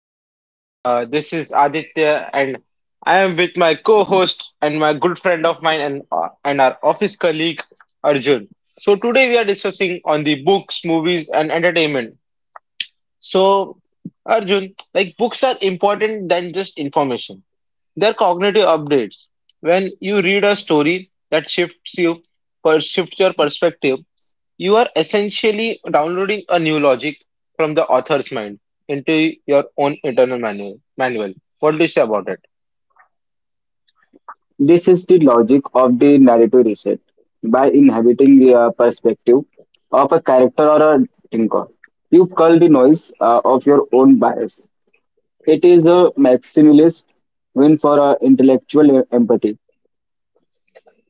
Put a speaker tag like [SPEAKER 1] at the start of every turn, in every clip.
[SPEAKER 1] everybody. This is Aditya, and I am with my co-host and my good friend of mine and our office colleague Arjun. So today we are discussing on the books, movies, and entertainment. So, Arjun, like books are important than just information. They're cognitive updates. When you read a story that shifts you, per shifts your perspective, you are essentially downloading a new logic from the author's mind into your own internal manual. Manual. What do you say about it?
[SPEAKER 2] This is the logic of the narrative reset by inhabiting the perspective of a character or a thinker. You cull the noise of your own bias. It is a maximalist win for intellectual empathy.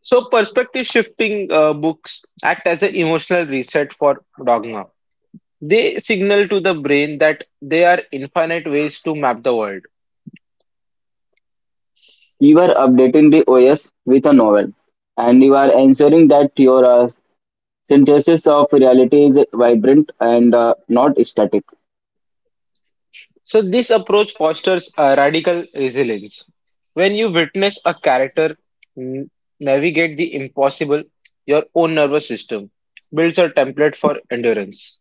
[SPEAKER 1] So, perspective shifting books act as an emotional reset for Dogma. They signal to the brain that there are infinite ways to map the world.
[SPEAKER 2] You are updating the OS with a novel, and you are ensuring that your synthesis of reality is vibrant and not static.
[SPEAKER 1] So, this approach fosters a radical resilience. When you witness a character n- navigate the impossible, your own nervous system builds a template for endurance.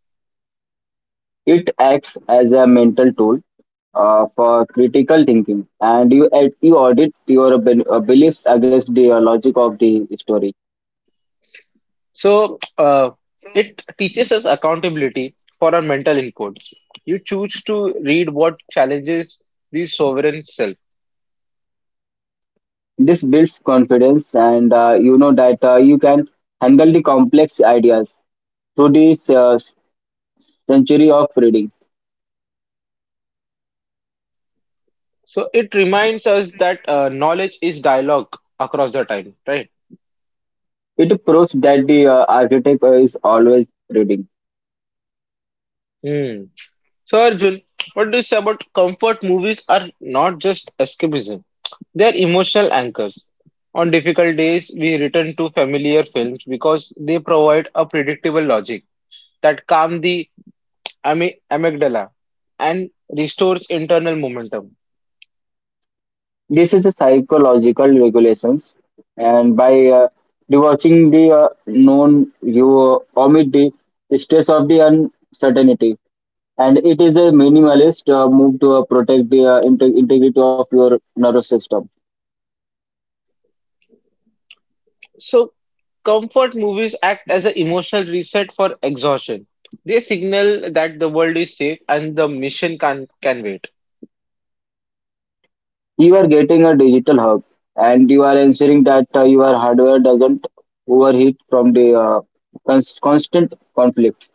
[SPEAKER 2] It acts as a mental tool for critical thinking, and you audit your beliefs against the logic of the story.
[SPEAKER 1] So, it teaches us accountability for our mental inputs. You choose to read what challenges the sovereign self.
[SPEAKER 2] This builds confidence, and you know that you can handle the complex ideas through this century of reading.
[SPEAKER 1] So, it reminds us that knowledge is dialogue across the time, right?
[SPEAKER 2] It proves that the architect is always reading.
[SPEAKER 1] Hmm. So Arjun, what do you say about comfort movies are not just escapism, they are emotional anchors. On difficult days, we return to familiar films because they provide a predictable logic that calms the amygdala and restores internal momentum.
[SPEAKER 2] This is a psychological regulations, and by divorcing the known, you omit the stress of the uncertainty, and it is a minimalist move to protect the integrity of your nervous system.
[SPEAKER 1] So, comfort movies act as an emotional reset for exhaustion. They signal that the world is safe and the mission can wait.
[SPEAKER 2] You are getting a digital hub, and you are ensuring that your hardware doesn't overheat from the constant conflict.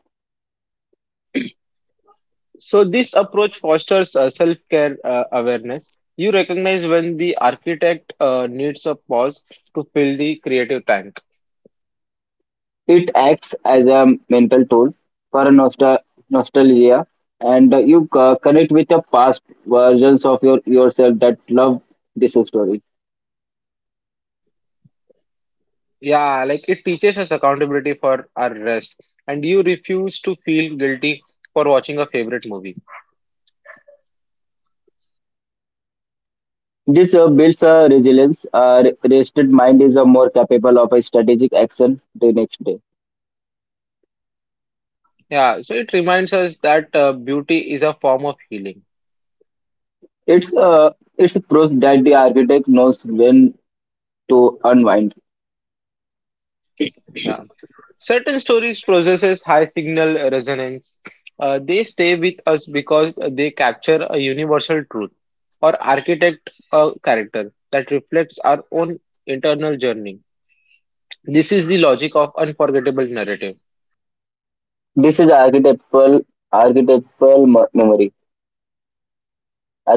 [SPEAKER 1] So this approach fosters self-care awareness. You recognize when the architect needs a pause to fill the creative tank.
[SPEAKER 2] It acts as a mental tool for nostalgia, and you connect with the past versions of your yourself that love this story.
[SPEAKER 1] Yeah, like it teaches us accountability for our rest, and you refuse to feel guilty for watching a favorite movie.
[SPEAKER 2] This builds a resilience. A rested mind is more capable of a strategic action the next day.
[SPEAKER 1] Yeah, so it reminds us that beauty is a form of healing.
[SPEAKER 2] It's uh, it's a proof that the architect knows when to unwind.
[SPEAKER 1] Yeah. Certain stories possesses high signal resonance. They stay with us because they capture a universal truth or architect a character that reflects our own internal journey. This is the logic of unforgettable narrative.
[SPEAKER 2] This is archetypal memory,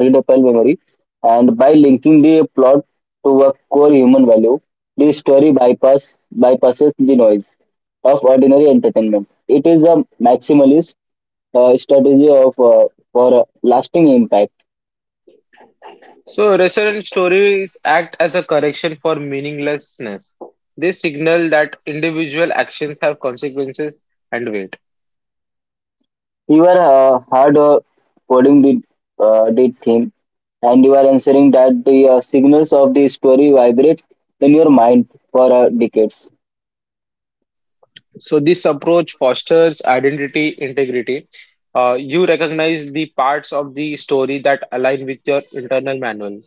[SPEAKER 2] readable memory, and by linking the plot to a core human value, the story bypass, bypasses the noise of ordinary entertainment. It is a maximalist strategy of for lasting impact.
[SPEAKER 1] So, resonant stories act as a correction for meaninglessness. They signal that individual actions have consequences and weight.
[SPEAKER 2] You are hard coding the theme, and you are ensuring that the signals of the story vibrate in your mind for decades.
[SPEAKER 1] So this approach fosters identity integrity. You recognize the parts of the story that align with your internal manual.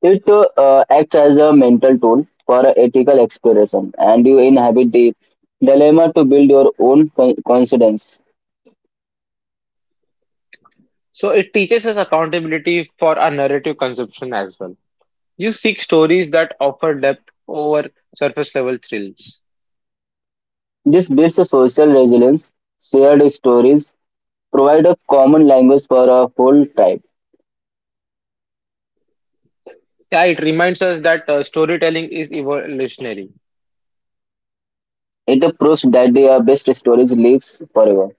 [SPEAKER 2] It acts as a mental tool for ethical exploration, and you inhabit the dilemma to build your own coincidence.
[SPEAKER 1] So it teaches us accountability for our narrative consumption as well. You seek stories that offer depth over surface level thrills.
[SPEAKER 2] This builds a social resilience; shared stories provide a common language for a whole tribe.
[SPEAKER 1] Yeah, it reminds us that storytelling is evolutionary.
[SPEAKER 2] It proves that the best stories lives forever.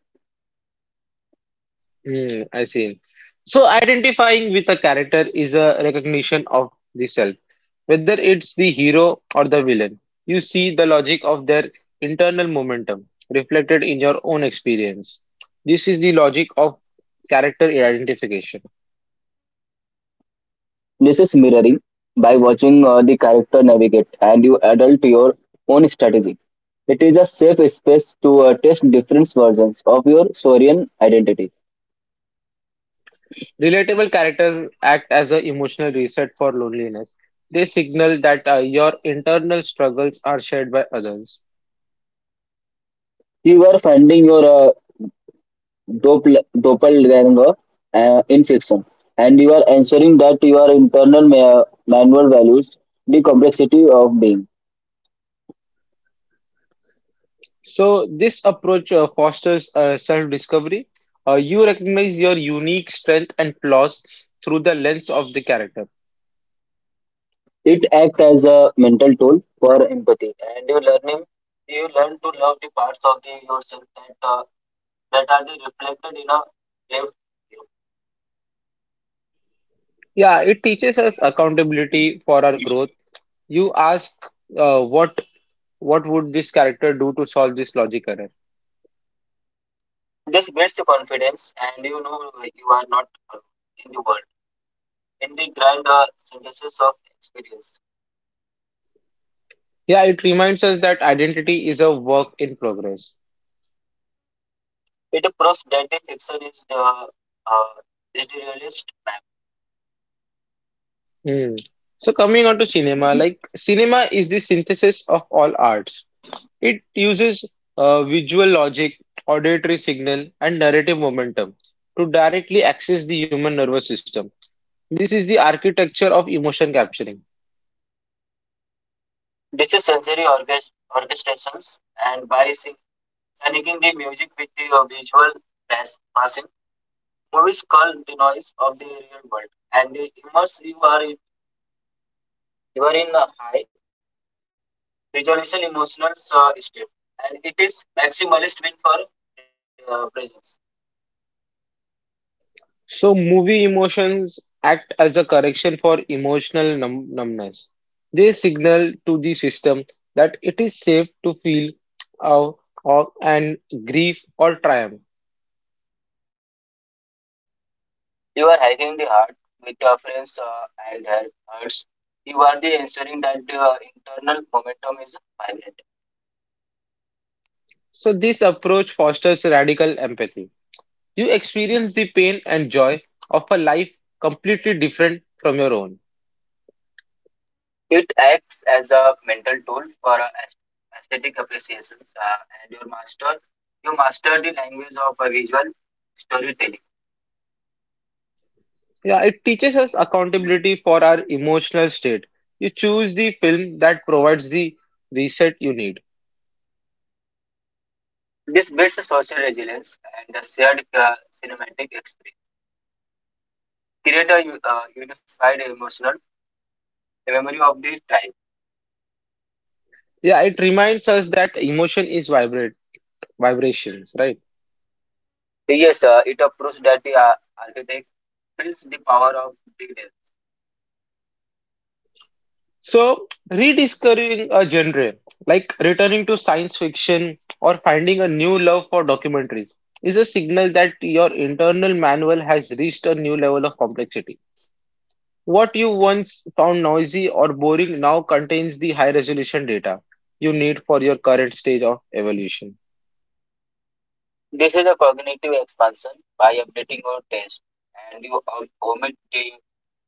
[SPEAKER 1] Hmm. I see. So identifying with a character is a recognition of the self, whether it's the hero or the villain. You see the logic of their internal momentum reflected in your own experience. This is the logic of character identification.
[SPEAKER 2] This is mirroring by watching the character navigate, and you adult your own strategy. It is a safe space to test different versions of your Saurian identity.
[SPEAKER 1] Relatable characters act as an emotional reset for loneliness. They signal that your internal struggles are shared by others.
[SPEAKER 2] You are finding your doppelganger in fiction, and you are ensuring that your internal manual values the complexity of being.
[SPEAKER 1] So this approach fosters self-discovery. You recognize your unique strength and flaws through the lens of the character.
[SPEAKER 2] It acts as a mental tool for empathy, and you learn to love the parts of the yourself that that are the reflected in a lived you.
[SPEAKER 1] Yeah, it teaches us accountability for our growth. You ask, uh, what what would this character do to solve this logic error?
[SPEAKER 2] This builds your confidence, and you know you are not alone in the world, in the grand synthesis of experience.
[SPEAKER 1] Yeah, it reminds us that identity is a work in progress.
[SPEAKER 2] It proves that this section is the realist map.
[SPEAKER 1] Hmm. So coming on to cinema, like cinema is the synthesis of all arts. It uses visual logic, auditory signal, and narrative momentum to directly access the human nervous system. This is the architecture of emotion capturing.
[SPEAKER 2] This is sensory orchestrations, and by syncing the music with the visual passing. Movies call the noise of the real world and they immerse you are in a high visualization emotional state, and it is maximalist win for presence.
[SPEAKER 1] So, movie emotions act as a correction for emotional numbness. They signal to the system that it is safe to feel awe, awe and grief or triumph.
[SPEAKER 2] You are hiking the heart with your friends and her hearts. You are the ensuring that the internal momentum is vibrant.
[SPEAKER 1] So, this approach fosters radical empathy. You experience the pain and joy of a life completely different from your own.
[SPEAKER 2] It acts as a mental tool for aesthetic appreciations, and you master the language of visual storytelling.
[SPEAKER 1] Yeah, it teaches us accountability for our emotional state. You choose the film that provides the reset you need.
[SPEAKER 2] This builds a social resilience, and a shared cinematic experience create a unified emotional memory of the tribe.
[SPEAKER 1] Yeah, it reminds us that emotion is vibrate vibrations, right?
[SPEAKER 2] Yes, it approves that the architect feels the power of detail.
[SPEAKER 1] So, rediscovering a genre, like returning to science fiction or finding a new love for documentaries, is a signal that your internal manual has reached a new level of complexity. What you once found noisy or boring now contains the high resolution data you need for your current stage of evolution.
[SPEAKER 2] This is a cognitive expansion by updating your taste, and you omit the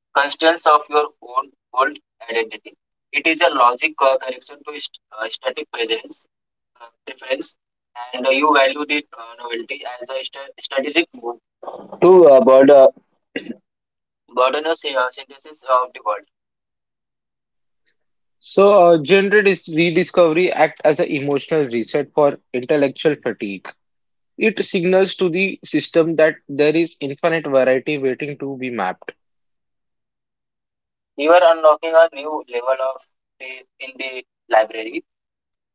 [SPEAKER 2] constraints of your own old identity. It is a logic correction to static presence preference, and you value the novelty as a strategic move to burden of synthesis of the world.
[SPEAKER 1] So, rediscovery acts as an emotional reset for intellectual fatigue. It signals to the system that there is infinite variety waiting to be mapped.
[SPEAKER 2] You are unlocking a new level of the in the library,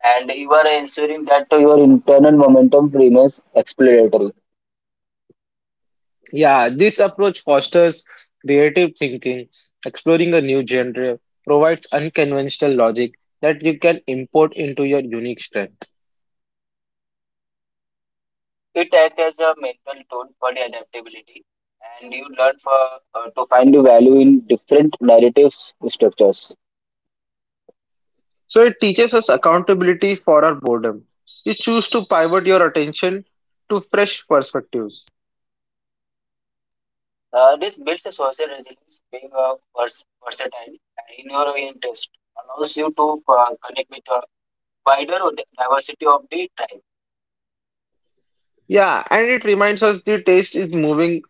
[SPEAKER 2] and you are ensuring that your internal momentum remains exploratory.
[SPEAKER 1] Yeah, this approach fosters creative thinking, exploring a new genre, provides unconventional logic that you can import into your unique strength.
[SPEAKER 2] It acts as a mental tool for the adaptability, and you learn for to find the value in different narratives structures.
[SPEAKER 1] So it teaches us accountability for our boredom. You choose to pivot your attention to fresh perspectives.
[SPEAKER 2] This builds a social resilience; being versatile and in your interest allows you to connect with a wider diversity of the tribe.
[SPEAKER 1] Yeah, and it reminds us the taste is moving,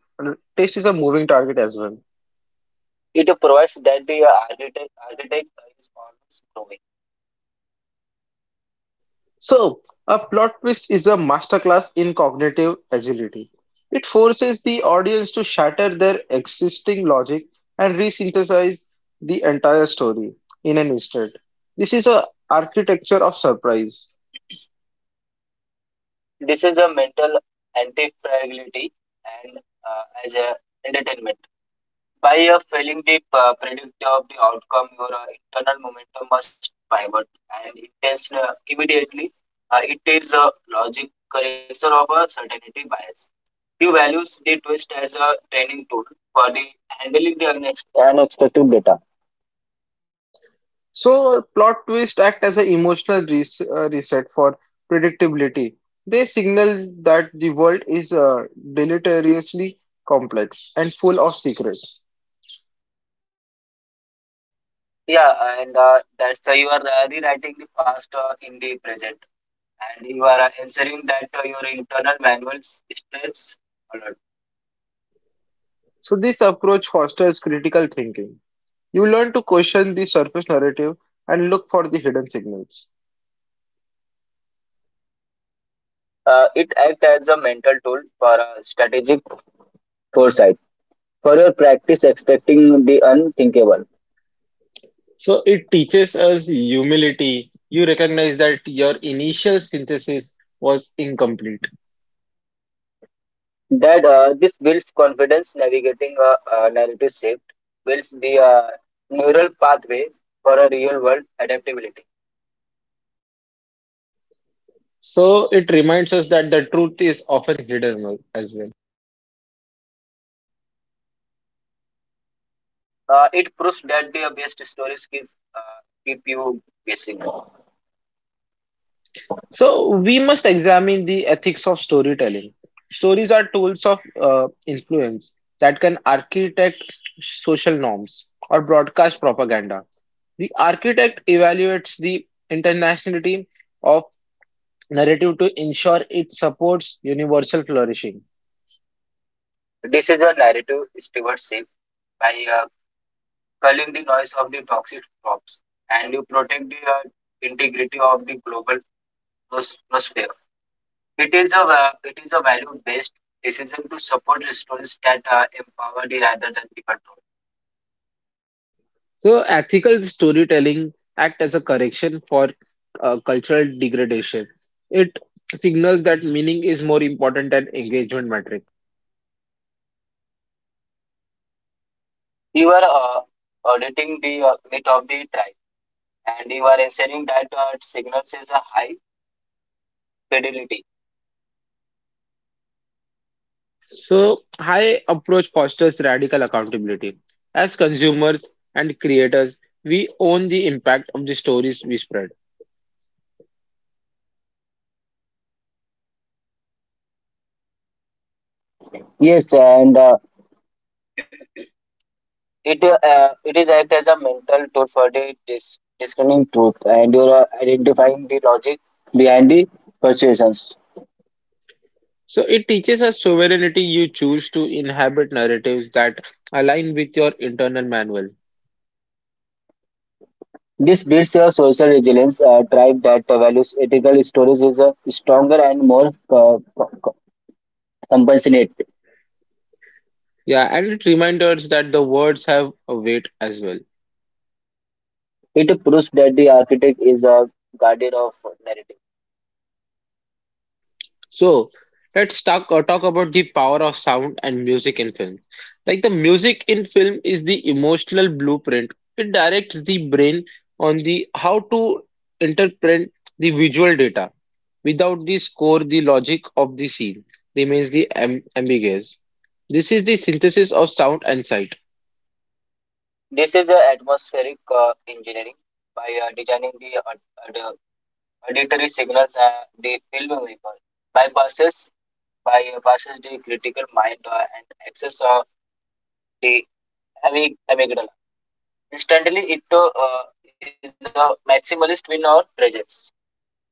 [SPEAKER 1] taste is a moving target as well.
[SPEAKER 2] It provides that the architect is always growing.
[SPEAKER 1] So, a plot twist is a masterclass in cognitive agility. It forces the audience to shatter their existing logic and resynthesize the entire story in an instant. This is a architecture of surprise.
[SPEAKER 2] This is a mental anti-fragility and as a entertainment. By failing the predictor of the outcome, your internal momentum must pivot and intense immediately. It is a logic correction of a certainty bias. You values the twist as a training tool for the handling the unexpected data.
[SPEAKER 1] So plot twists act as an emotional reset for predictability. They signal that the world is deleteriously complex and full of secrets.
[SPEAKER 2] Yeah, and that's why you are rewriting the past in the present, and you are ensuring that your internal manual stays alert.
[SPEAKER 1] So this approach fosters critical thinking. You learn to question the surface narrative and look for the hidden signals.
[SPEAKER 2] It acts as a mental tool for strategic foresight for your practice expecting the unthinkable.
[SPEAKER 1] So it teaches us humility. You recognize that your initial synthesis was incomplete.
[SPEAKER 2] That This builds confidence; navigating a narrative shift builds the neural pathway for a real world adaptability.
[SPEAKER 1] So it reminds us that the truth is often hidden as well.
[SPEAKER 2] It proves that the best stories keep keep you guessing.
[SPEAKER 1] So we must examine the ethics of storytelling. Stories are tools of influence that can architect social norms or broadcast propaganda. The architect evaluates the internationality of narrative to ensure it supports universal flourishing.
[SPEAKER 2] This is a narrative stewardship by uh, culling the noise of the toxic drops, and you protect the integrity of the global atmosphere. It is a value based decision to support students that are empowered rather than the control.
[SPEAKER 1] So ethical storytelling act as a correction for cultural degradation. It signals that meaning is more important than engagement metric.
[SPEAKER 2] You are auditing the meat of the tribe, and you are ensuring that it signals is a high fidelity.
[SPEAKER 1] So, high approach fosters radical accountability. As consumers and creators, we own the impact of the stories we spread.
[SPEAKER 2] Yes, and it is act as a mental tool for the discerning truth, and you are identifying the logic behind the persuasions.
[SPEAKER 1] So, it teaches us sovereignty. You choose to inhabit narratives that align with your internal manual.
[SPEAKER 2] This builds your social resilience. A tribe that values ethical stories is stronger and more compassionate.
[SPEAKER 1] Yeah, and it reminds us that the words have a weight as well.
[SPEAKER 2] It proves that the architect is a guardian of narrative.
[SPEAKER 1] So let's talk about the power of sound and music in film. Like the music in film is the emotional blueprint. It directs the brain on the how to interpret the visual data. Without the score, the logic of the scene remains the am ambiguous. This is the synthesis of sound and sight.
[SPEAKER 2] This is a atmospheric engineering by designing the auditory signals, and the film vapor bypasses bypasses the critical mind and access the amygdala instantly. It is a maximalist win or presence.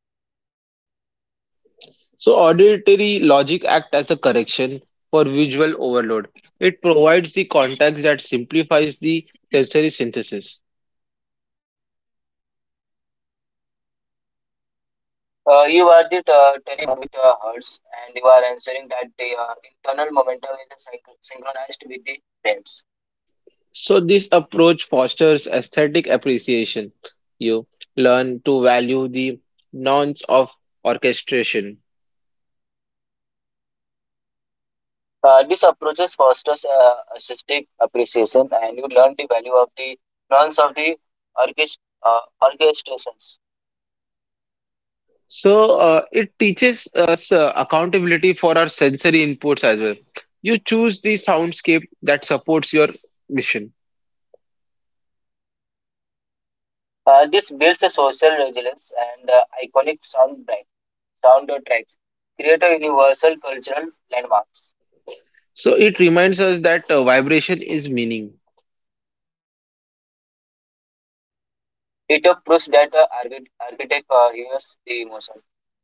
[SPEAKER 1] So auditory logic act as a correction for visual overload. It provides the context that simplifies the sensory synthesis.
[SPEAKER 2] You are the turning the mode with hertz, and you are answering that the internal momentum is synchronized with the frames.
[SPEAKER 1] So this approach fosters aesthetic appreciation. You learn to value the nuance of orchestration.
[SPEAKER 2] This approaches fosters artistic appreciation, and you learn the value of the nuance of the orchest- uh, orchestrations.
[SPEAKER 1] So it teaches us accountability for our sensory inputs as well. You choose the soundscape that supports your mission.
[SPEAKER 2] This builds a social resilience, and iconic sound tracks create a universal cultural landmarks.
[SPEAKER 1] So it reminds us that vibration is meaning.
[SPEAKER 2] It proves that architect hears the emotion.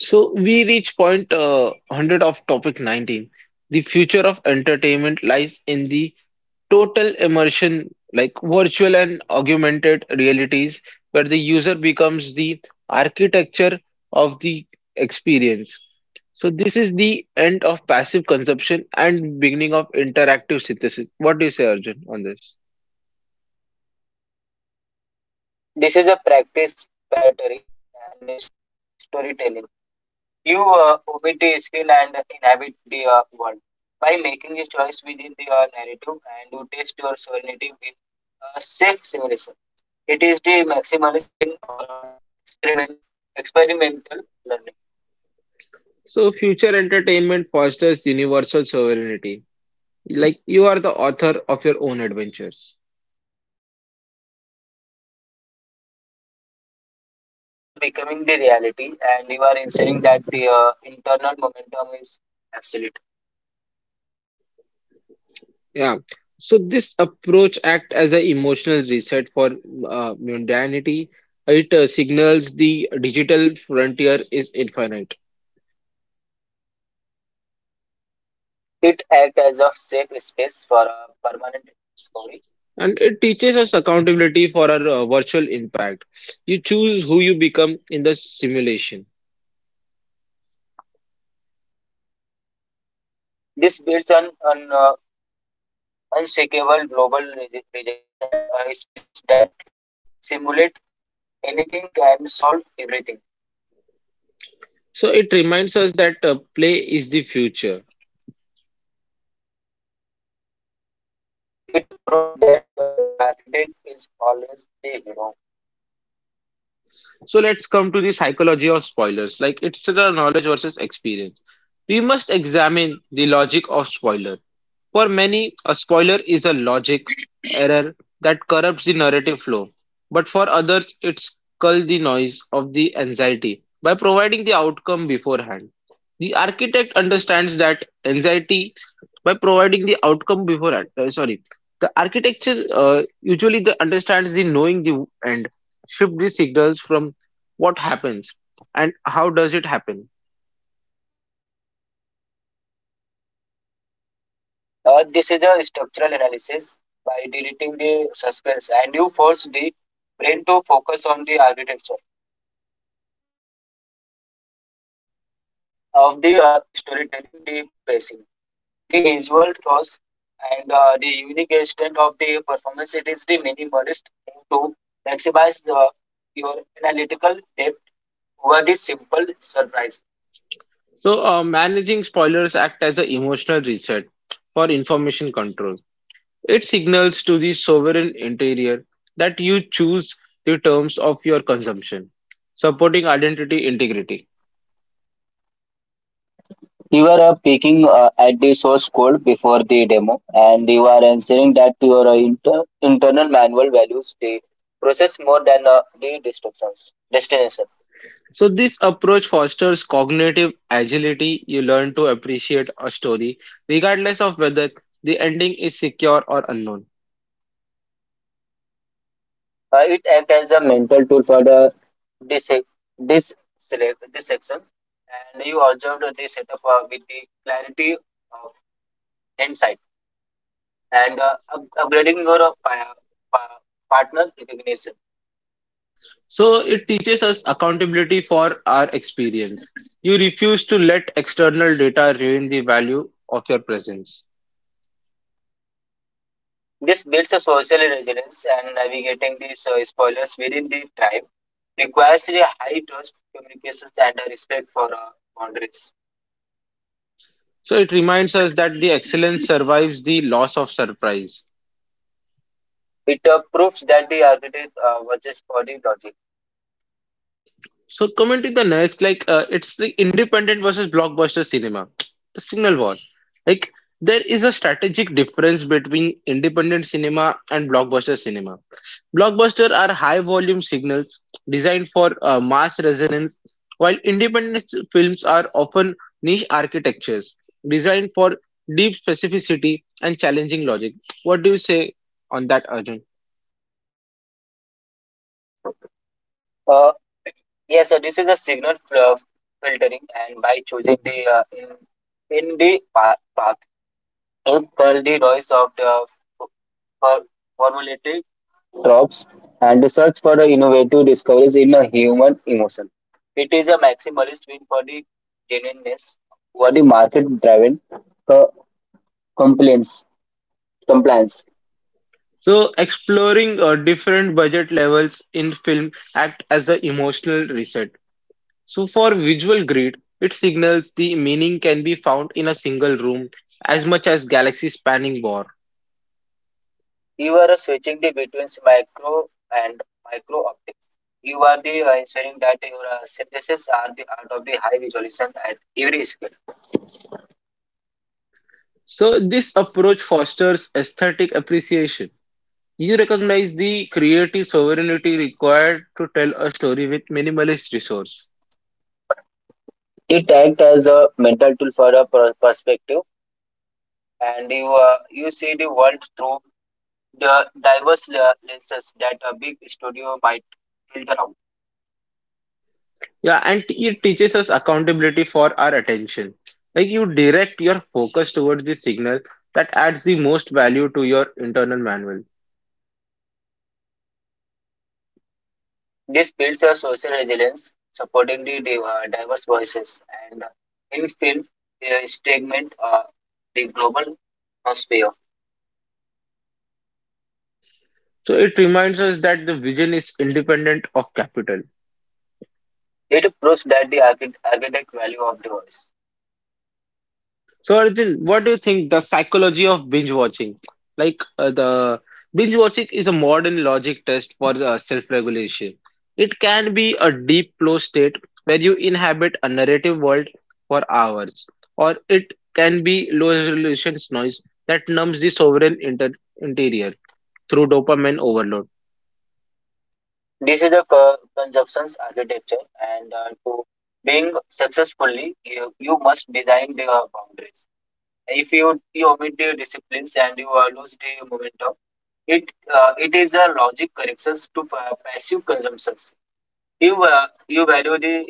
[SPEAKER 1] So we reach point 100 of topic 19. The future of entertainment lies in the total immersion, like virtual and augmented realities, where the user becomes the architecture of the experience. So this is the end of passive consumption and beginning of interactive synthesis. What do you say, Arjun, on this?
[SPEAKER 2] This is a practice pattern and storytelling. You omit a skill and inhabit the world by making a choice within the narrative, and you test your sovereignty in a safe simulation. It is the maximalist win or experiment experimental learning.
[SPEAKER 1] So future entertainment fosters universal sovereignty. Like you are the author of your own adventures.
[SPEAKER 2] The game is becoming the reality, and you are ensuring that the internal momentum is absolute.
[SPEAKER 1] Yeah. So this approach act as an emotional reset for modernity. It signals the digital frontier is infinite,
[SPEAKER 2] It acts as a safe space for permanent discovery.
[SPEAKER 1] and it teaches us accountability for our virtual impact. You choose who you become in the simulation.
[SPEAKER 2] This builds on unshakable global resilience, and a species that can simulate anything can solve everything.
[SPEAKER 1] So it reminds us that play is the future.
[SPEAKER 2] It proves that the architect is always the hero.
[SPEAKER 1] So let's come to the psychology of spoilers. Like it's the knowledge versus experience. We must examine the logic of spoiler. For many, a spoiler is a logic error that corrupts the narrative flow, but for others, it's cull the noise of the anxiety by providing the outcome beforehand. The architect understands that anxiety by providing the outcome beforehand. Sorry, the architecture usually the understands the knowing the end, shift the signals from what happens and how does it happen.
[SPEAKER 2] This is a structural analysis by deleting the suspense, and you force the brain to focus on the architecture of the storytelling, the pacing, the visual cues, and the unique extent of the performance. It is the minimalist thing to maximize the, your analytical depth over the simple surprise.
[SPEAKER 1] So, managing spoilers act as an emotional reset for information control. It signals to the sovereign interior that you choose the terms of your consumption, supporting identity integrity.
[SPEAKER 2] You are peeking at the source code before the demo, and you are ensuring that your internal manual values the process more than the destructions destination.
[SPEAKER 1] So, this approach fosters cognitive agility. You learn to appreciate a story, regardless of whether the ending is secure or unknown.
[SPEAKER 2] It acts as a mental tool for the dis dissection, and you observed the setup with the clarity of insight and upgrading your pa- partner recognition.
[SPEAKER 1] So, it teaches us accountability for our experience. You refuse to let external data ruin the value of your presence.
[SPEAKER 2] This builds a social resilience, and navigating these spoilers within the tribe requires a high trust, communications, and a respect for boundaries.
[SPEAKER 1] So it reminds us that the excellence survives the loss of surprise.
[SPEAKER 2] It proves that the architect was just for the logic.
[SPEAKER 1] So coming to the next, like it's the independent versus blockbuster cinema, the signal war. Like there is a strategic difference between independent cinema and blockbuster cinema. Blockbuster are high volume signals designed for mass resonance, while independent films are often niche architectures designed for deep specificity and challenging logic. What do you say on that, Arjun?
[SPEAKER 2] Uh, yes, this is a signal filtering, and by choosing in the path, you curl the noise of the for- formulaic tropes and the search for the innovative discoveries in a human emotion. It is a maximalist win for the genuineness over the market driven co- compliance. compliance.
[SPEAKER 1] So, exploring different budget levels in film act as an emotional reset. So, for visual greed, it signals the meaning can be found in a single room as much as galaxy-spanning war.
[SPEAKER 2] You are switching the between micro and micro optics. You are the ensuring that your synthesis are the art of the high visualization at every scale.
[SPEAKER 1] So, this approach fosters aesthetic appreciation. You recognize the creative sovereignty required to tell a story with minimalist resource.
[SPEAKER 2] It acts as a mental tool for a perspective, and you see the world through the diverse lenses that a big studio might filter out.
[SPEAKER 1] Yeah, and it teaches us accountability for our attention. Like you direct your focus towards the signal that adds the most value to your internal manual.
[SPEAKER 2] This builds a social resilience, supporting the diverse voices. And in film, the statement the global atmosphere.
[SPEAKER 1] So it reminds us that the vision is independent of capital.
[SPEAKER 2] It proves that the architect value of the voice.
[SPEAKER 1] So, Aditya, what do you think the psychology of binge watching? Like the binge watching is a modern logic test for the self-regulation. It can be a deep flow state where you inhabit a narrative world for hours, or it can be low resolution noise that numbs the sovereign inter interior through dopamine overload.
[SPEAKER 2] This is a consumption's architecture, and to being successfully, you must design the boundaries. If you omit the disciplines and you lose the momentum, it is a logic corrections to passive consumptions. You value the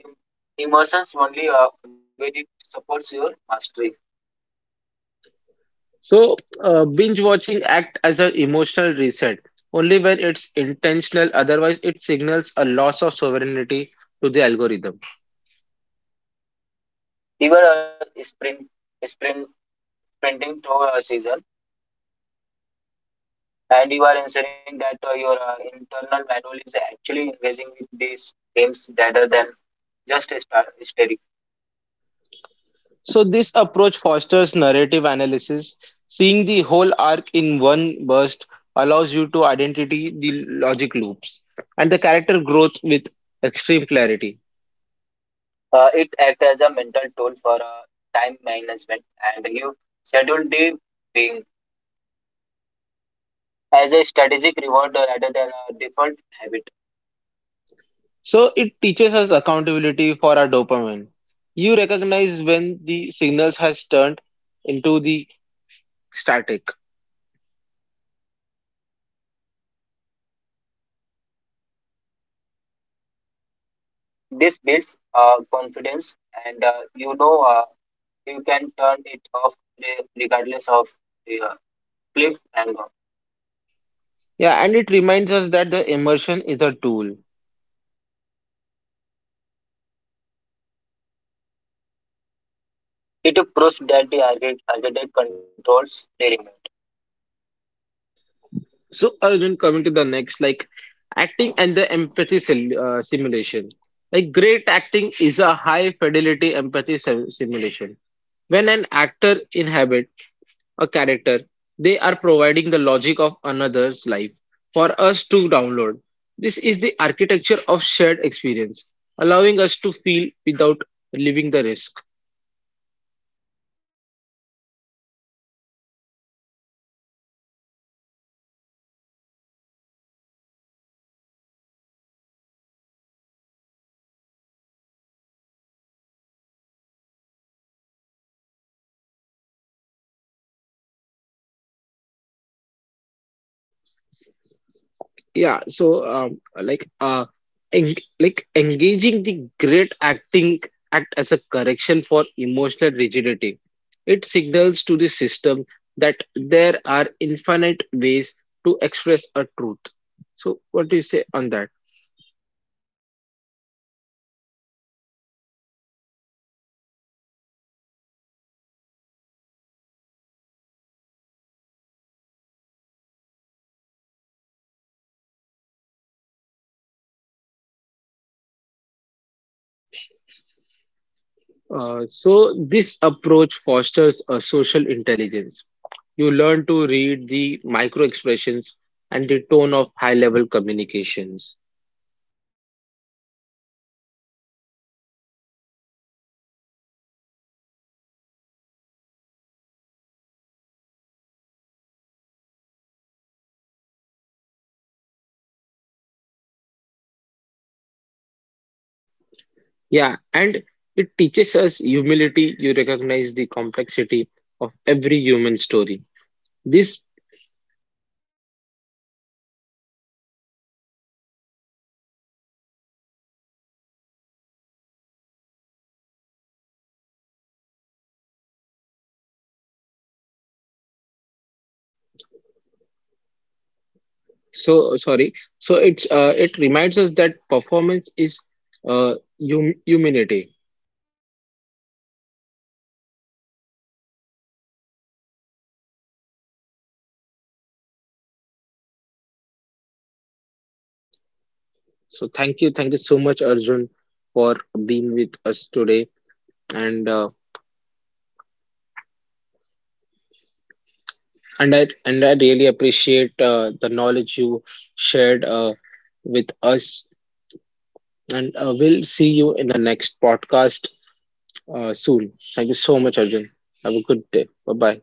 [SPEAKER 2] emotions only when it supports your mastery.
[SPEAKER 1] So, binge watching act as an emotional reset only when it's intentional, otherwise it signals a loss of sovereignty to the algorithm.
[SPEAKER 2] You are sprint sprinting through a season, and you are ensuring that your internal manual is actually engaging with these games rather than just a start.
[SPEAKER 1] So, this approach fosters narrative analysis. Seeing the whole arc in one burst allows you to identity the logic loops and the character growth with extreme clarity.
[SPEAKER 2] It acts as a mental tool for time management, and you schedule the being
[SPEAKER 1] So, it teaches us accountability for our dopamine. You recognize when the signals has turned into the static. Yeah, and it reminds us that the immersion is a tool. So, Arjun, coming to the next, like acting and the empathy simulation. Like great acting is a high fidelity empathy simulation. When an actor inhabit a character, they are providing the logic of another's life for us to download. This is the architecture of shared experience, allowing us to feel without leaving the risk. Yeah, so engaging the great acting act as a correction for emotional rigidity. It signals to the system that there are infinite ways to express a truth. So, what do you say on that? So, this approach fosters a social intelligence. You learn to read the micro expressions and the tone of high-level communications. Yeah, and it teaches us humility. You recognize the complexity of every human story. This, so it's it reminds us that performance is uh, humanity. So thank you so much, Arjun, for being with us today, and uh, and I really appreciate the knowledge you shared with us, and we'll see you in the next podcast soon. Thank you so much, Arjun. Have a good day. Bye bye.